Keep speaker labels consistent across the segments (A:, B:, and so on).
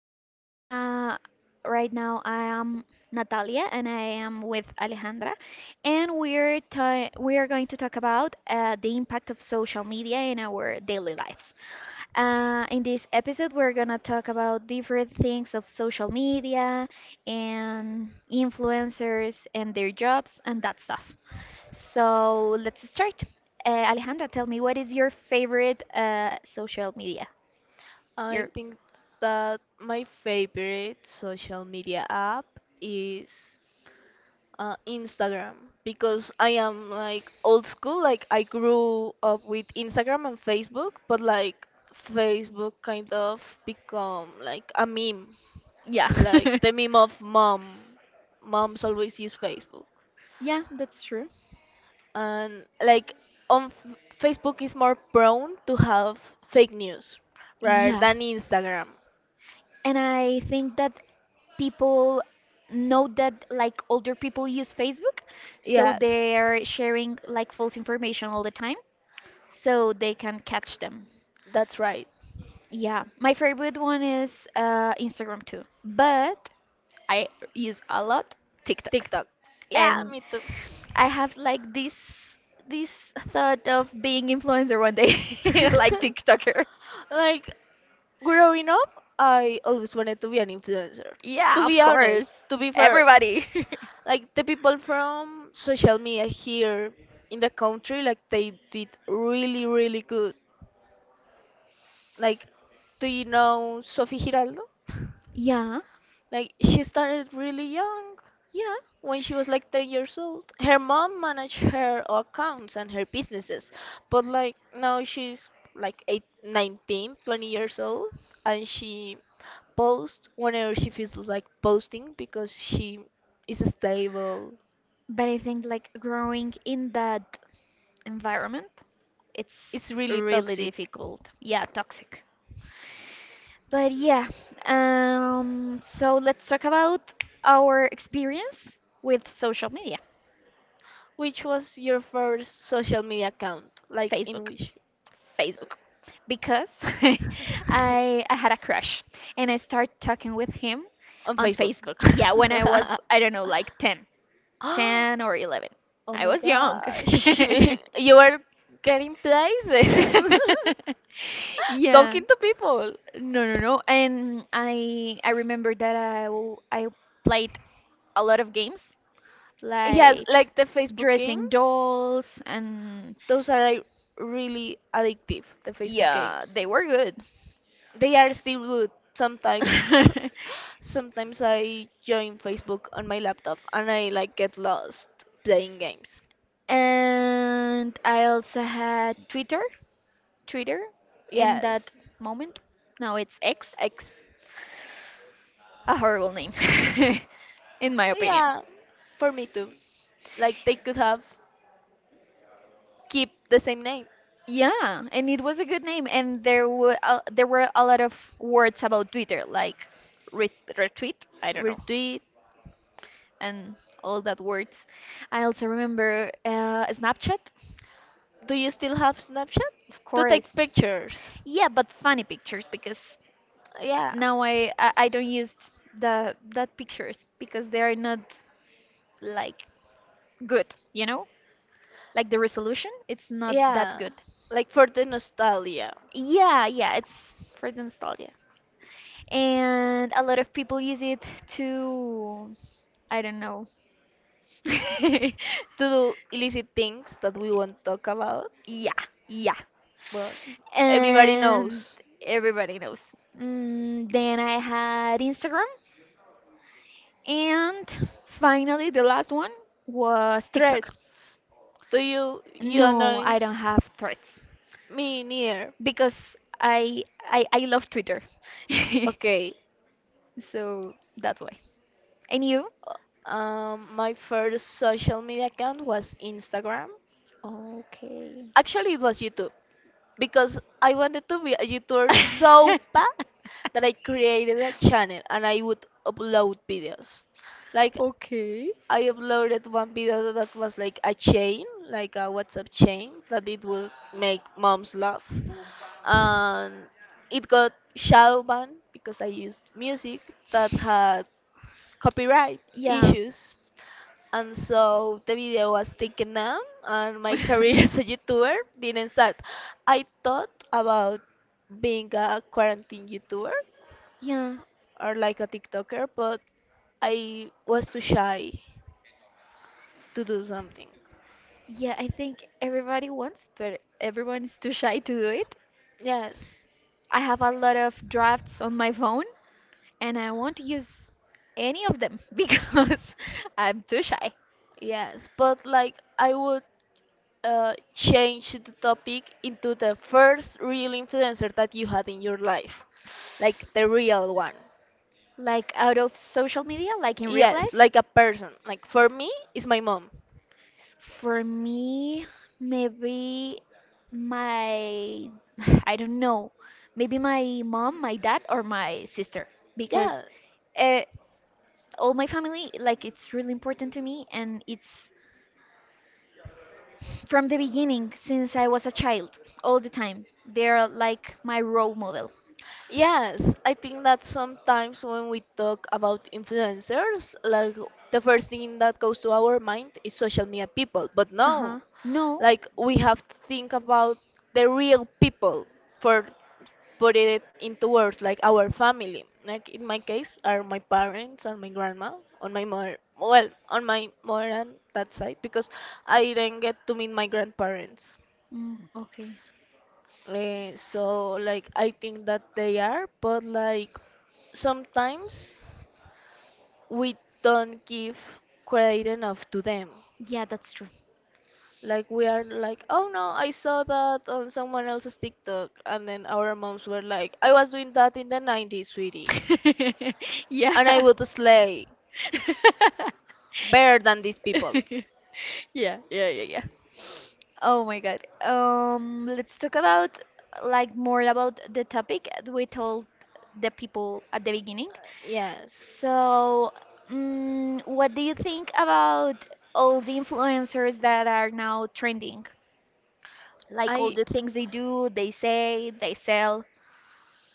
A: everyone. Right now, I am Natalia, and I am with Alejandra, and we are going to talk about the impact of social media in our daily lives. In this episode, we're gonna talk about different things of social media and influencers and their jobs and that stuff. So let's start. Alejandra, tell me, what is your favorite social media?
B: I
A: Your
B: think that my favorite social media app is Instagram because I am like old school. Like I grew up with Instagram and Facebook, but like Facebook kind of become like a meme,
A: yeah.
B: like the meme of mom. Moms always use Facebook,
A: Yeah, that's true.
B: and like on Facebook is more prone to have fake news rather
A: Yeah.
B: than Instagram.
A: And I think that people know that like older people use Facebook, so
B: Yes.
A: they're sharing like false information all the time, so they can catch them.
B: That's right.
A: Yeah. My favorite one is Instagram too, but I use a lot TikTok.
B: TikTok. Yeah,
A: And
B: me too.
A: I have like this thought of being influencer one day, like TikToker.
B: Like growing up, I always wanted to be an influencer. To
A: Yeah,
B: be
A: of course.
B: honest, to be fair,
A: Everybody.
B: like the people from social media here in the country, like they did really, really good. Like, do you know Sophie Giraldo?
A: Yeah,
B: Like she started really young.
A: yeah.
B: When she was like 10 years old, her mom managed her accounts and her businesses. But like now she's like eight, 19, 20 years old and she posts whenever she feels like posting because she is stable.
A: But I think like growing in that environment, it's
B: It's really
A: really
B: toxic.
A: difficult. Yeah, toxic. But yeah, so let's talk about our experience with social media,
B: Which was your first social media account? Like in
A: Facebook,
B: which?
A: Facebook, because I had a crush and I started talking with him
B: On
A: on
B: Facebook.
A: Facebook. Yeah, when I was
B: I
A: I don't know like 10. 10 or 11.
B: oh
A: I
B: my
A: was young.
B: gosh. You are getting places.
A: yeah,
B: Talking to people.
A: no, no, no. And I remember that I played a lot of games
B: Yes,
A: like
B: like the Facebook
A: dressing
B: games.
A: dolls and
B: Those are like really addictive, the Facebook
A: yeah,
B: games.
A: they were good.
B: They are still good sometimes. Sometimes I join Facebook on my laptop and I like get lost playing games.
A: And I also had Twitter, Twitter in that
B: Yes,
A: moment. Now it's X.
B: X.
A: A horrible name, in my opinion.
B: Yeah, for me too. Like they could have keep the same name.
A: Yeah, and it was a good name, and there were a lot of words about Twitter, like re retweet, I don't know,
B: Retweet.
A: and all that words. I also remember Snapchat,
B: Do you still have Snapchat?
A: of
B: To
A: course.
B: take pictures.
A: Yeah, but funny pictures because
B: Yeah.
A: now I don't use the that pictures because they are not like good, you know, like the resolution, it's not that
B: Yeah.
A: good.
B: Like for the nostalgia.
A: Yeah, yeah, it's for the nostalgia. And a lot of people use it to I don't know.
B: To do illicit things that we won't talk about,
A: Yeah, yeah.
B: but everybody
A: And
B: knows.
A: everybody knows. Then I had Instagram and finally the last one was TikTok.
B: Threats. Do you you
A: No, I
B: annoys
A: don't have threats
B: me near?
A: because I love Twitter.
B: Okay.
A: So that's why. And you?
B: My first social media account was Instagram.
A: Okay.
B: Actually, it was YouTube because I wanted to be a YouTuber so bad that I created a channel and I would upload videos. Like
A: Okay.
B: I uploaded one video that was like a chain, like a WhatsApp chain, that it would make moms laugh. And it got shadow banned because I used music that had copyright
A: Yeah.
B: issues. And so the video was taken down, and my career as a YouTuber didn't start. I thought about being a quarantine YouTuber
A: Yeah,
B: or like a TikToker, but I was too shy to do something.
A: yeah, I think everybody wants, but everyone is too shy to do it.
B: Yes,
A: I have a lot of drafts on my phone, and I won't use any of them because I'm too shy.
B: yes, but like I would change the topic into the first real influencer that you had in your life, like the real one.
A: Like out of social media, like in real
B: Yes,
A: life.
B: like a person. Like for me, it's my mom.
A: For me, maybe my, I don't know, maybe my mom, my dad, or my sister, because
B: Yeah.
A: uh, all my family, like, it's really important to me, and it's from the beginning, since I was a child, all the time. They're like my role model.
B: Yes, I think that sometimes when we talk about influencers, like the first thing that goes to our mind is social media people, but
A: No, huh.
B: no.
A: No.
B: Like we have to think about the real people for putting it into words, like our family. Like in my case are my parents and my grandma on my mother, well, on my mother and that side, because I didn't get to meet my grandparents.
A: Mm, okay.
B: So like I think that they are, but like sometimes we don't give credit enough to them.
A: Yeah, that's true.
B: Like we are like, oh no, I saw that on someone else's TikTok, and then our moms were like, I was doing that in the 90s, sweetie, and I
A: Yeah.
B: would slay better than these people.
A: Yeah. Yeah. Yeah. Yeah. Oh my God. Let's talk about like more about the topic we told the people at the beginning.
B: Yes,
A: So, what do you think about all the influencers that are now trending? Like all
B: I
A: the things they do, they say, they sell.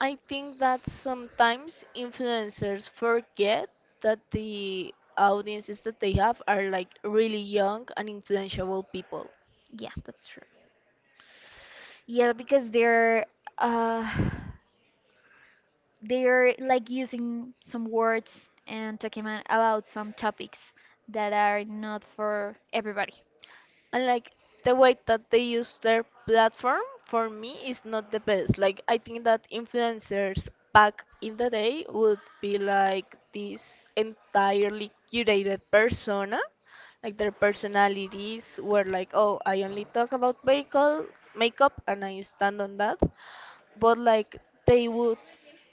B: I think that sometimes influencers forget that the audiences that they have are like really young and influential people.
A: Yeah, that's true. Yeah, because uh they're like using some words and talking about some topics that are not for everybody.
B: And like the way that they use their platform for me is not the best. Like I think that influencers back in the day would be like this entirely curated persona. Like their personalities were like, oh, I only talk about vehicle makeup and I stand on that. But like they would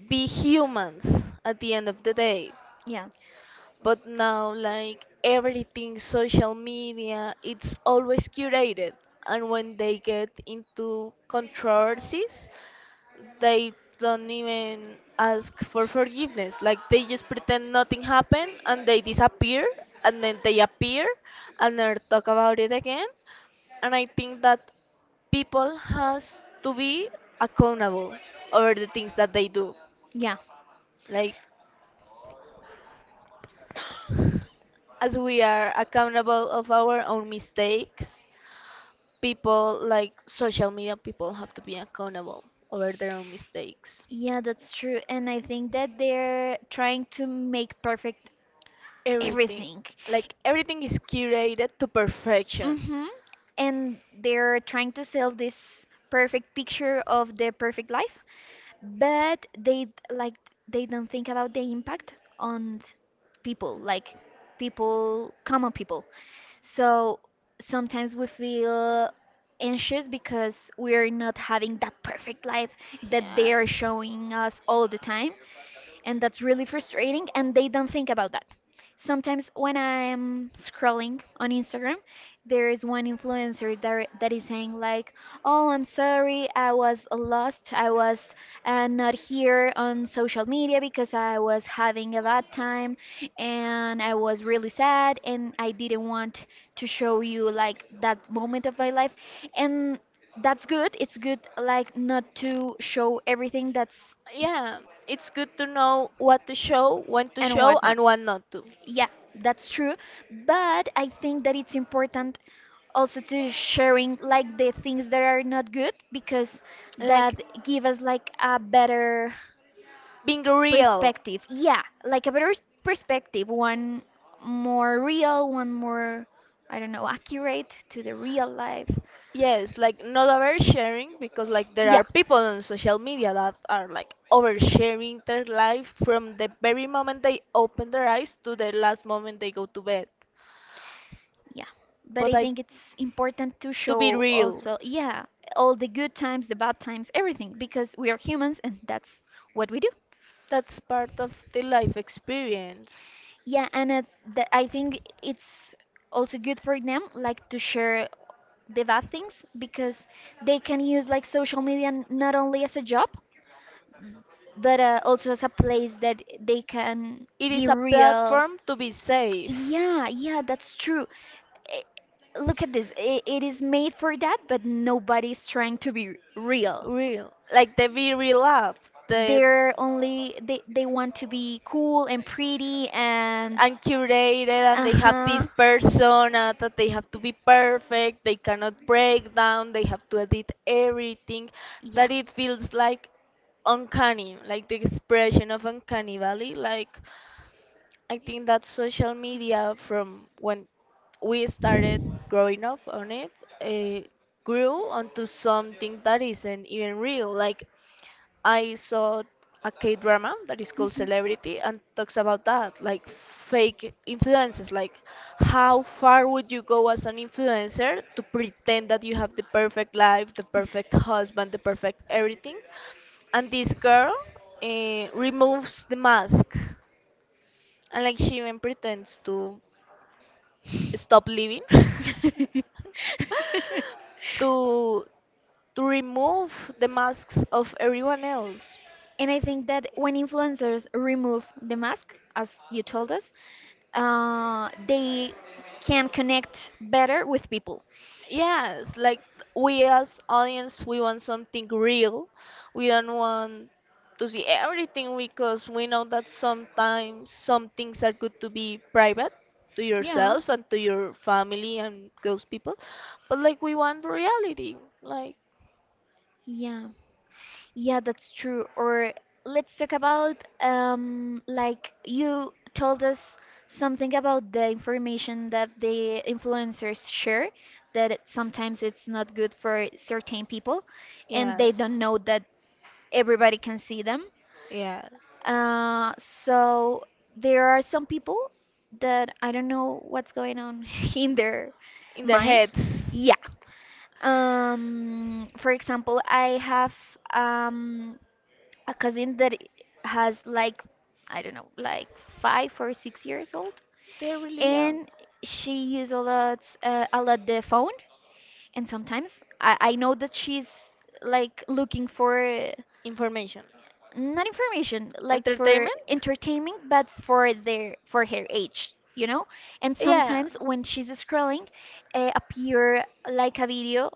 B: be humans at the end of the day.
A: Yeah,
B: But now, like everything, social media, it's always curated. And when they get into controversies, they don't even ask for forgiveness. Like they just pretend nothing happened and they disappear and then they appear and they talk about it again. And I think that people has to be accountable over the things that they do.
A: yeah.
B: Like as we are accountable of our own mistakes, people like social media people have to be accountable over their own mistakes.
A: Yeah, that's true. And I think that they're trying to make perfect
B: Everything,
A: everything.
B: like everything is curated to perfection.
A: Mm-hmm. And they're trying to sell this perfect picture of the perfect life, but like they don't think about the impact on people, like people, common people. So sometimes we feel anxious because we're not having that perfect life that they're
B: Yes.
A: showing us all the time, and that's really frustrating and they don't think about that. Sometimes when I'm scrolling on Instagram, there is one influencer that is saying like oh I'm sorry I was lost I was not here on social media because I was having a bad time and I was really sad and I didn't want to show you like that moment of my life. And that's good, it's good like not to show everything that's
B: Yeah, it's good to know what to show, when to
A: and
B: show,
A: whatnot.
B: and what not to.
A: Yeah, that's true. But I think that it's important also to sharing like the things that are not good because that
B: Like
A: give us like a better
B: being real.
A: perspective. Yeah, like a perspective, one more real, one more I don't know, accurate to the real life.
B: Yes, like not oversharing, because like there
A: Yeah.
B: are people on social media that are like oversharing their life from the very moment they open their eyes to the last moment they go to bed.
A: Yeah, but
B: But
A: I
B: I,
A: think it's important to
B: to be
A: show
B: real,
A: also, yeah, all the good times, the bad times, everything, because we are humans and that's what we do.
B: that's part of the life experience.
A: Yeah, and I think it's also good for them, like to share the bad things because they can use like social media not only as a job, but also as a place that they can
B: It
A: be
B: is a
A: real.
B: platform to be safe.
A: Yeah, yeah, that's true. I- Look at this. I It is made for that, but nobody's trying to be real.
B: Real. Like the Be Real app, the
A: They're only they want to be cool and pretty and
B: and curated, and they have this
A: uh-huh.
B: persona that they have to be perfect, they cannot break down, they have to edit everything,
A: Yeah.
B: that it feels like uncanny, like the expression of uncanny valley, like I think that social media from when we started growing up on it uh, grew onto something that isn't even real. Like I saw a K drama that is called
A: Mhm.
B: Celebrity and talks about that, like fake influences, like how far would you go as an influencer to pretend that you have the perfect life, the perfect husband, the perfect everything, and this girl removes the mask and like she even pretends to stop living to remove the masks of everyone else.
A: And I think that when influencers remove the mask, as you told us, they can connect better with people.
B: Yes, like we as audience we want something real. We don't want to see everything because we know that sometimes some things are good to be private to
A: Yeah,
B: yourself and to your family and those people. But like we want reality. Like
A: yeah. Yeah, that's true. Or let's talk about like you told us something about the information that the influencers share that sometimes it's not good for certain people and they don't
B: yes.
A: know that everybody can see them.
B: Yeah.
A: So there are some people that I don't know what's going on in their
B: In their
A: minds.
B: heads.
A: Yeah. For example, I have um a cousin that has like I don't know, like 5 or 6 years old,
B: They're really young.
A: and she uses a lot the phone. And sometimes I know that she's like looking for
B: Information.
A: not information, like for
B: Entertainment?
A: entertainment, but for her age, you know. And
B: Yeah.
A: sometimes when she's scrolling, appear like a video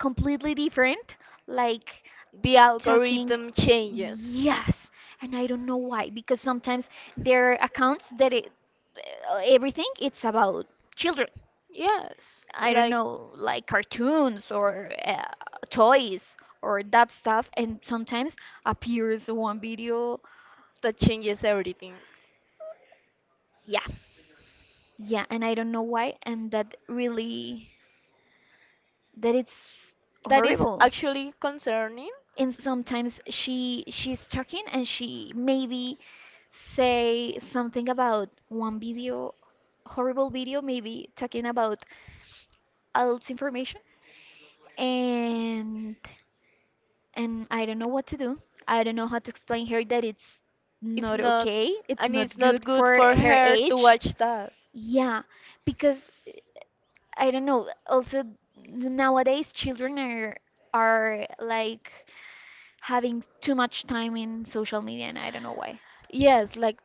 A: completely different like
B: The
A: talking
B: algorithm changes.
A: yes and I don't know why because sometimes there are accounts that it everything it's about children
B: Yes.
A: I don't
B: Like,
A: know like cartoons or toys or that stuff and sometimes appears one video
B: that changes everything.
A: yeah yeah and I don't know why and that really that it's
B: That is
A: horrible.
B: actually concerning.
A: And sometimes she's talking and she maybe say something about one video, horrible video, maybe talking about adult information and and I don't know what to do. I don't know how to explain her that it's
B: It's
A: not
B: not,
A: okay. It's
B: and
A: not
B: it's not
A: good
B: good
A: for
B: for
A: her
B: her to
A: age.
B: watch that.
A: Yeah, because I don't know. Also nowadays children are like having too much time in social media, and I don't know why.
B: Yes, like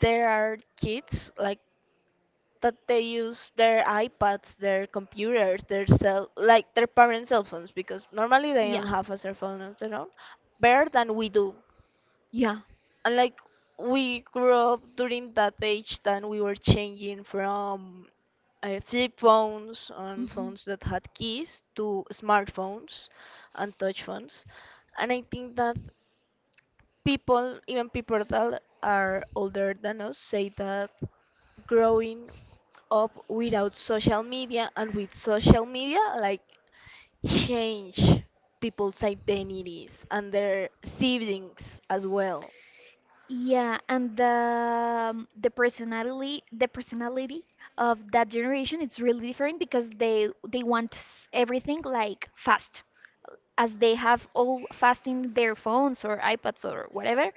B: there are kids like that they use their iPads, their computers, their cell, like their parents' cell phones because normally they don't
A: Yeah,
B: have a cell phone of their own, better than we do.
A: yeah,
B: And like we grew up during that age, then we were changing from flip phones and
A: hmm
B: phones that had keys to smartphones and touch phones. And I think that people, even people that are older than us, say that growing up without social media and with social media, like change people's identities and their siblings as well.
A: yeah. And the the personality of that generation it's really different because they want everything like fast, as they have all fast in their phones or iPads or whatever.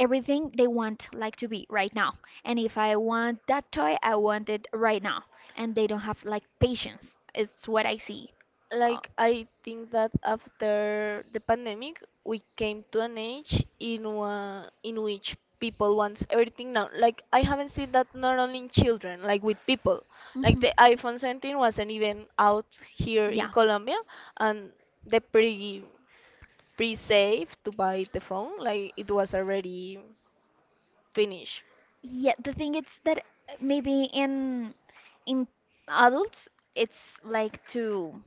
A: Everything they want like to be right now. And if I want that toy, I want it right now. And they don't have like patience. It's what I see. Uh,
B: Like, I think that after the pandemic, we came to an age in which people wants everything now. Like, I haven't seen that not only in children, like with people. Like
A: mhm.
B: the iPhone 17 wasn't even out here in
A: Yeah.
B: Colombia, and they pre-save to buy the phone. Like, it was already finished.
A: Yeah, the thing is that maybe in adults it's like to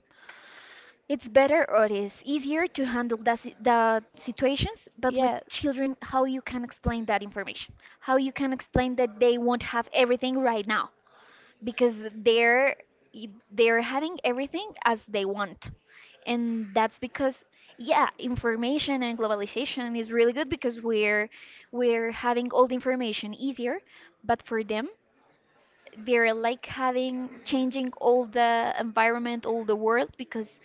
A: it's better or it is easier to handle the situations, but with
B: Yes.
A: children, how you can explain that information, how you can explain that they won't have everything right now, because they're having everything as they want and that's because yeah information and globalization is really good because we're having all the information easier but for them they're like having changing all the environment all the world because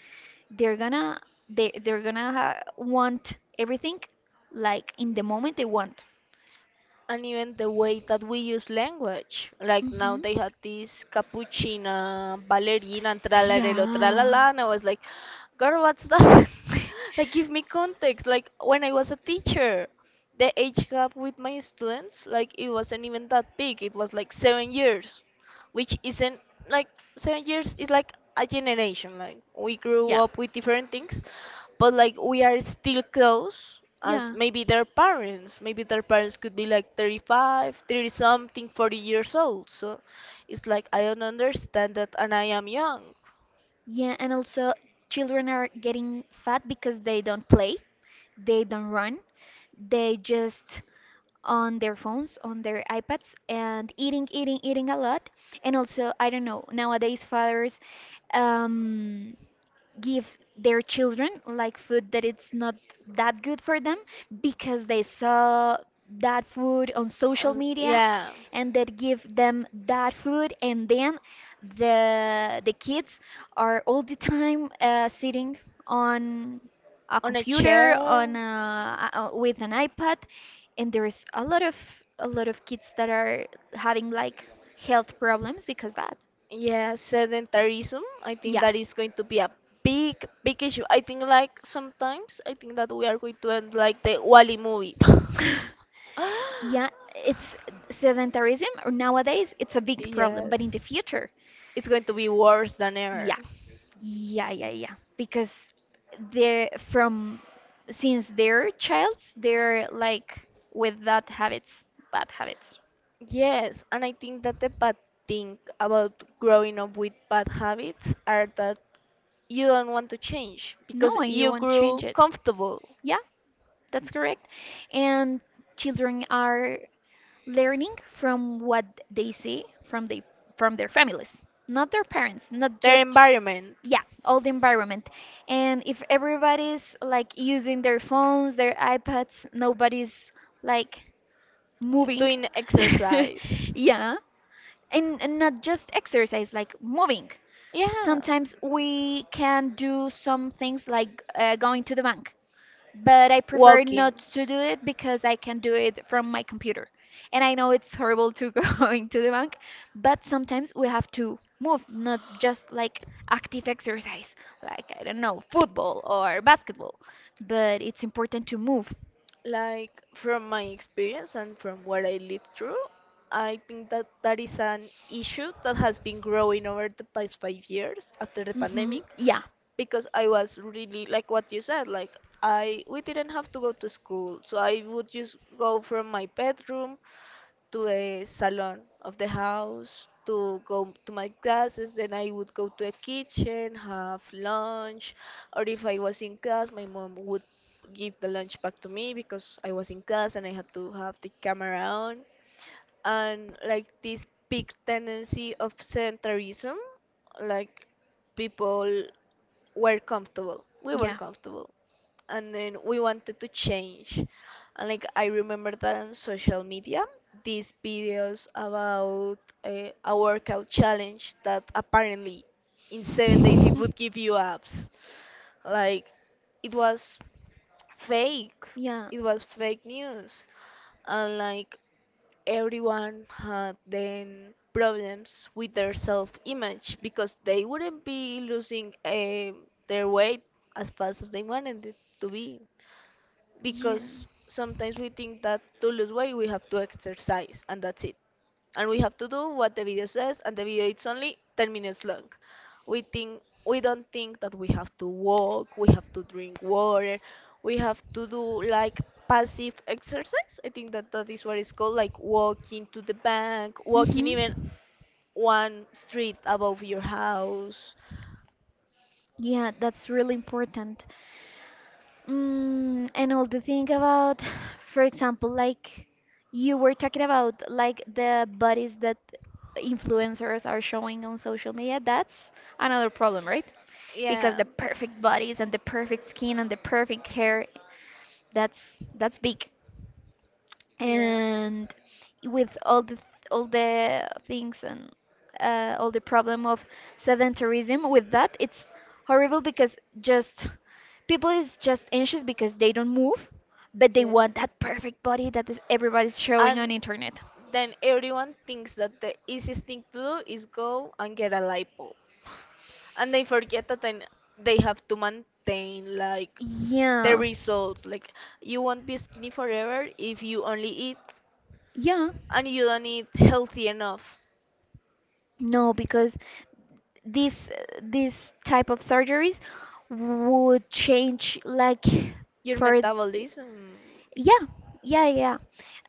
A: they're gonna want everything like in the moment they want
B: And even the way that we use language. Like now
A: hmm
B: they had this cappuccina, ballerina, and tralarelo,
A: yeah.
B: tralala, and I was like, girl, what's that? Like, give me context. Like, when I was a teacher, the age gap with my students, like, it wasn't even that big. It was like 7 years, which isn't like 7 years is like a generation. Like, we grew
A: Yeah.
B: up with different things, but like we are still close as
A: Yeah.
B: maybe their parents could be like 35, 30 something 40 years old, so it's like I don't understand that and I am young.
A: Yeah, and also children are getting fat because they don't play, they don't run, they just on their phones, on their iPads, and eating, eating, eating a lot. And also, I don't know, nowadays fathers um, give their children like food that it's not that good for them because they saw that food on social
B: Uh,
A: media
B: yeah
A: and that give them that food and then the kids are all the time sitting on a
B: on a
A: computer
B: chair.
A: on with an iPad and there's a lot of kids that are having like health problems because that
B: Yeah, sedentarism. I think
A: yeah
B: that is going to be a big, big issue. I think like sometimes I think that we are going to end like the Wally movie.
A: yeah it's sedentarism or nowadays it's a big problem but in the
B: Yes.
A: future
B: It's going to be worse than
A: yeah,
B: ever.
A: yeah, yeah, yeah. Because they from since they're childs, they're like with that habits, bad habits.
B: Yes, and I think that the bad thing about growing up with bad habits are that you don't want to change because
A: No, and you
B: you
A: won't
B: grew
A: change it.
B: comfortable,
A: Yeah, that's correct. And children are learning from what they see from the from their families, not their parents, not
B: their
A: just
B: environment,
A: yeah, all the environment. And if everybody's like using their phones, their iPads, nobody's like moving.
B: doing exercise.
A: Yeah, and not just exercise, like moving.
B: Yeah,
A: Sometimes we can do some things like going to the bank, but I prefer
B: walking.
A: not to do it because I can do it from my computer. And I know it's horrible to going to the bank, but sometimes we have to move, not just like active exercise, like I don't know, football or basketball, but it's important to move.
B: Like from my experience and from what I lived through, I think that that is an issue that has been growing over the past 5 years after the
A: Hmm,
B: pandemic.
A: yeah,
B: Because I was really like what you said, like I we didn't have to go to school, so I would just go from my bedroom to the salon of the house to go to my classes. Then I would go to the kitchen, have lunch, or if I was in class, my mom would give the lunch back to me because I was in class and I had to have the camera on, and like this big tendency of centrism, like people were comfortable. We were
A: yeah.
B: comfortable. And then we wanted to change. And like I remember that on social media, these videos about a workout challenge that apparently in 7 days it would give you abs. Like it was fake.
A: Yeah.
B: It was fake news. And like everyone had then problems with their self-image because they wouldn't be losing their weight as fast as they wanted it to be,
A: Yeah.
B: because sometimes we think that to lose weight we have to exercise and that's it, and we have to do what the video says, and the video it's only 10 minutes long. We don't think that we have to walk, we have to drink water, we have to do like passive exercise. I think that that is what it's called, like walking to the bank, walking
A: Mm-hmm.
B: even one street above your house.
A: Yeah, that's really important. Mm, and all the thing about, for example, like you were talking about, like the bodies that influencers are showing on social media, that's another problem, right? Because
B: Yeah,
A: the perfect bodies and the perfect skin and the perfect hair, that's that's big.
B: yeah.
A: And with all the things and all the problem of sedentarism with that, it's horrible, because just people is just anxious because they don't move, but they
B: Yes,
A: want that perfect body that is, everybody's showing
B: and
A: on internet.
B: then everyone thinks that the easiest thing to do is go and get a lipo. And they forget that then they have to maintain like the
A: Yeah.
B: results. Like you won't be skinny forever if you only eat
A: Yeah.
B: and you don't eat healthy enough.
A: No, because this this type of surgeries would change, like,
B: Your
A: for
B: metabolism,
A: yeah, yeah, yeah.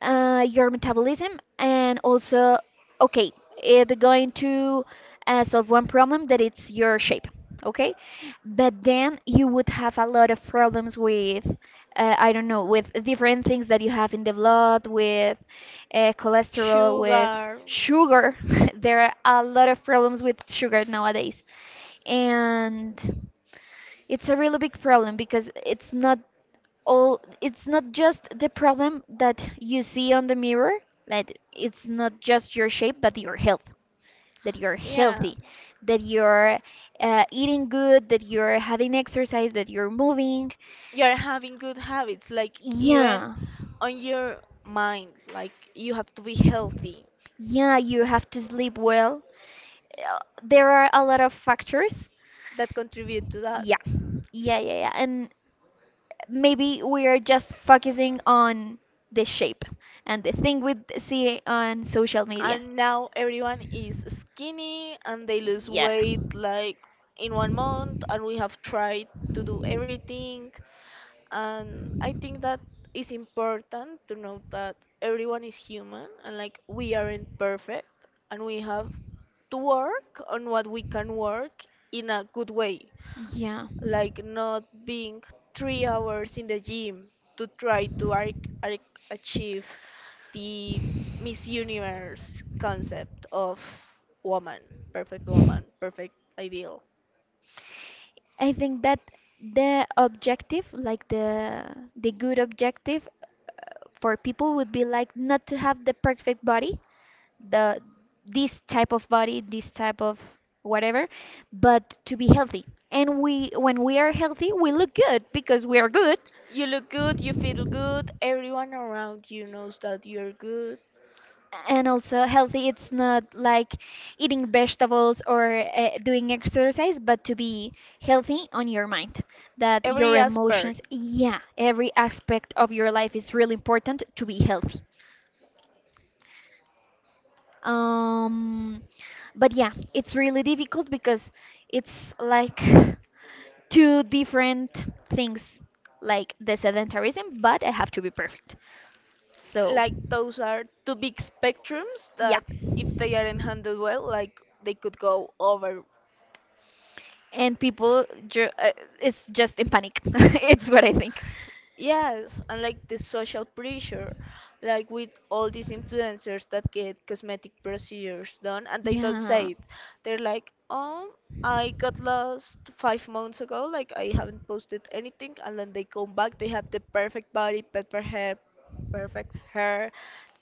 A: Your metabolism, and also, okay, it's going to solve one problem that it's your shape, okay? But then you would have a lot of problems with, I don't know, with different things that you have in the blood, with cholesterol, with
B: sugar,
A: sugar. There are a lot of problems with sugar nowadays. And it's a really big problem, because it's not all it's not just the problem that you see on the mirror, like it's not just your shape, but your health, that you're
B: yeah.
A: healthy, that you're eating good, that you're having exercise, that you're moving.
B: You're having good habits, like even
A: Yeah,
B: on your mind, like you have to be healthy,
A: yeah, you have to sleep well. There are a lot of factors.
B: that contribute to that.
A: Yeah yeah yeah yeah, and maybe we are just focusing on the shape and the thing we see on social media.
B: And now everyone is skinny and they lose
A: Yeah.
B: weight like in 1 month, and we have tried to do everything. And I think that is important to note that everyone is human and like we aren't perfect, and we have to work on what we can work in a good way,
A: Yeah,
B: like not being 3 hours in the gym to try to arc, arc achieve the Miss Universe concept of woman, woman, perfect ideal.
A: I think that the objective, like the good objective for people would be like not to have the perfect body, the this type of body, this type of whatever, but to be healthy. And we when we are healthy, we look good because we are good.
B: You look good, you feel good, everyone around you knows that you're good.
A: And also healthy it's not like eating vegetables or doing exercise, but to be healthy on your mind, that
B: Every
A: your
B: aspect,
A: emotions, yeah, every aspect of your life is really important to be healthy. um but yeah, it's really difficult because it's like two different things, like the sedentarism, but I have to be perfect, so
B: like those are two big spectrums
A: yeah.
B: that if they aren't handled well, like they could go over.
A: And people it's just in panic. It's what I think.
B: Yes, and like the social pressure, like with all these influencers that get cosmetic procedures done and they don't
A: Yeah.
B: say it. They're like, oh, I got lost 5 months ago, like I haven't posted anything, and then they come back, they have the perfect body, perfect hair,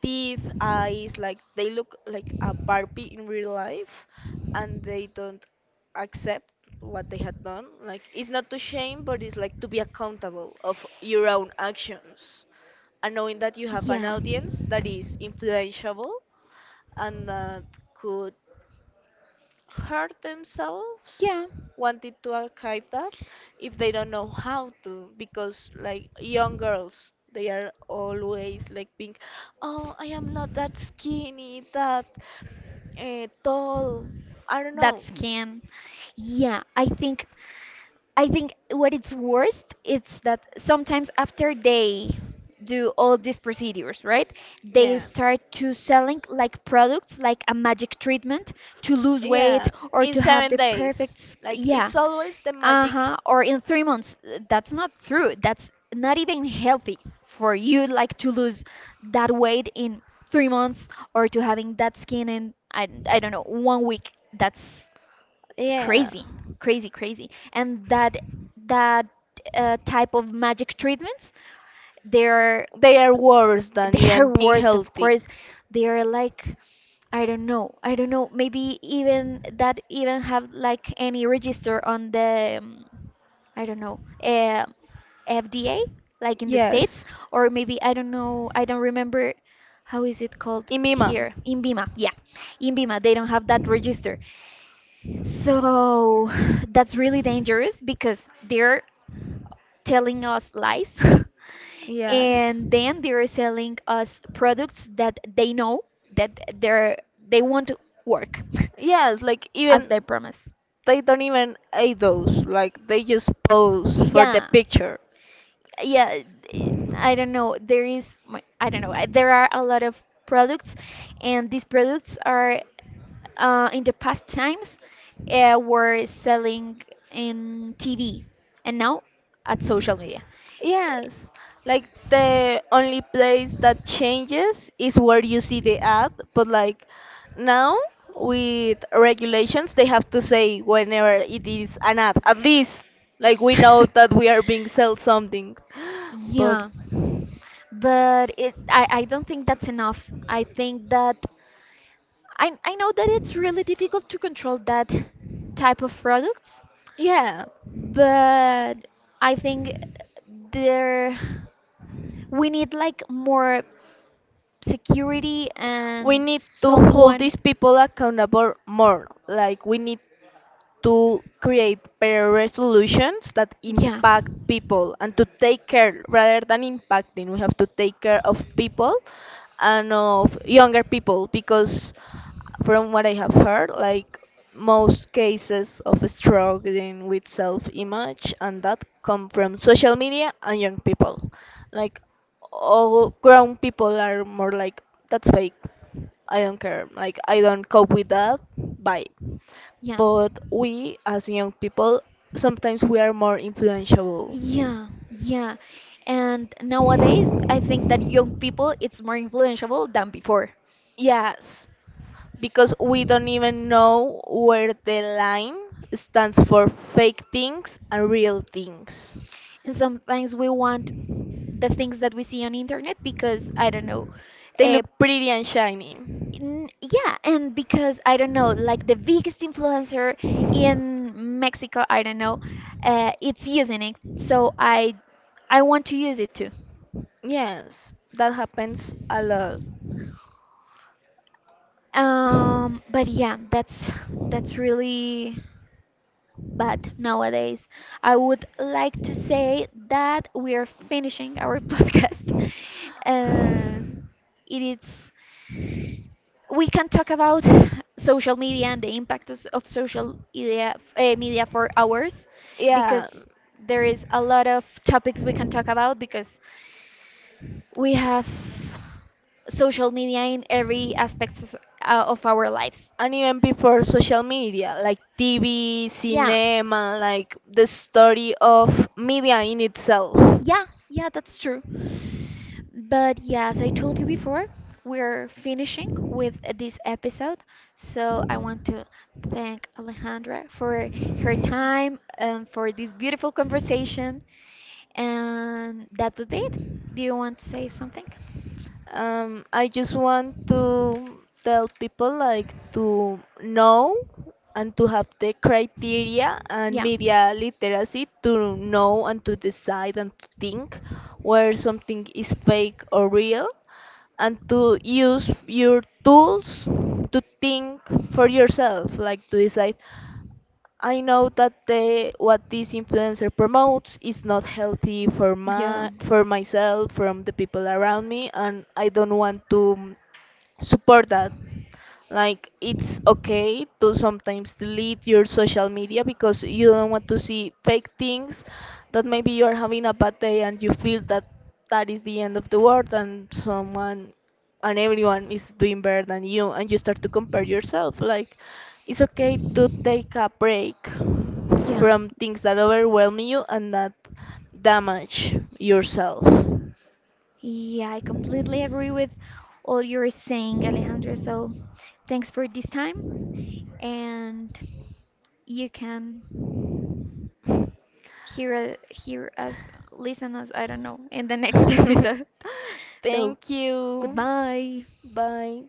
B: teeth, eyes, like they look like a Barbie in real life, and they don't accept what they had done. Like it's not to shame, but it's like to be accountable of your own actions, and knowing that you have an
A: Yeah.
B: audience that is influentiable and that could hurt themselves
A: Yeah.
B: wanting to archive that if they don't know how to, because like young girls they are always like being, oh, I am not that skinny, that tall, I don't
A: That
B: know.
A: scam. Yeah, I think. I think what it's worst is that sometimes after they do all these procedures, right? They
B: Yeah.
A: start to selling like products, like a magic treatment to lose weight
B: Yeah,
A: or
B: in
A: to have
B: seven
A: the perfect,
B: days.
A: s-
B: Like
A: yeah.
B: it's always the magic.
A: Uh-huh. Or in 3 months. That's not true. That's not even healthy for you, like to lose that weight in 3 months, or to having that skin in, I don't know, one week. That's
B: Yeah,
A: crazy, crazy, crazy. And that type of magic treatments, they're
B: they are worse than
A: they're
B: even being
A: worst, of
B: healthy.
A: course. They're like I don't know. Maybe even that even have like any register on the I don't know FDA, like in the states,
B: Yes,
A: or maybe I don't know. I don't remember. How is it called
B: in my mom.
A: here? INBIMA, yeah. INBIMA, they don't have that register. So that's really dangerous because they're telling us lies
B: Yes,
A: and then they're selling us products that they know that they won't work
B: yes. Like
A: as
B: even
A: they promise.
B: they don't even eat those. Like they just pose for the
A: Yeah.
B: picture.
A: Yeah, I don't know, there is I don't know, there are a lot of products, and these products are in the past times were selling in tv, and now at social media.
B: Yes, like the only place that changes is where you see the ad, but like now with regulations, they have to say whenever it is an ad. At least, like we know that we are being sold something. But
A: Yeah, but it I don't think that's enough. I think that I know that it's really difficult to control that type of products,
B: yeah,
A: but I think there we need like more security
B: we
A: and
B: need to hold
A: someone.
B: these people accountable more. Like we need to create better resolutions that
A: Yeah.
B: impact people and to take care rather than impacting. We have to take care of people and of younger people because from what I have heard, like most cases of struggling with self-image and that come from social media and young people. Like all grown people are more like that's fake. I don't care. Like I don't cope with that. Bye.
A: Yeah,
B: But we as young people sometimes we are more influential.
A: yeah. And nowadays, I think that young people, it's more influenceable than before.
B: Yes, because we don't even know where the line stands for fake things and real things.
A: And sometimes we want the things that we see on internet because I don't know.
B: They
A: Uh,
B: look pretty and shiny.
A: yeah, and because I don't know, like the biggest influencer in Mexico, I don't know, it's using it. So I want to use it too.
B: Yes, that happens a lot.
A: But yeah, that's really bad nowadays. I would like to say that we are finishing our podcast, and it is we can talk about social media and the impact of social media, media for hours,
B: Yeah,
A: because there is a lot of topics we can talk about, because we have social media in every aspect of our lives.
B: and even before social media, like TV,
A: Yeah,
B: cinema, like the story of media in itself.
A: yeah, that's true. But yeah, as I told you before, we're finishing with this episode. So I want to thank Alejandra for her time and for this beautiful conversation. And that would be it. Do you want to say something?
B: I just want to tell people like to know and to have the criteria and media literacy to know and to decide and to think where something is fake or real and to use your tools to think for yourself, like to decide I know that the what this influencer promotes is not healthy
A: Yeah. For
B: for
A: personal.
B: myself, from the people around me, and I don't want to support that. Like it's okay to sometimes delete your social media because you don't want to see fake things, that maybe you are having a bad day and you feel that that is the end of the world and everyone is doing better than you and you start to compare yourself. Like it's okay to take a break
A: So,
B: from things that overwhelm you and that damage yourself.
A: yeah, I completely agree with all you're saying, Alejandro. So thanks for this time, and you can hear hear us, listen us, I don't know, in the next episode. So
B: Thank you.
A: goodbye.
B: Bye.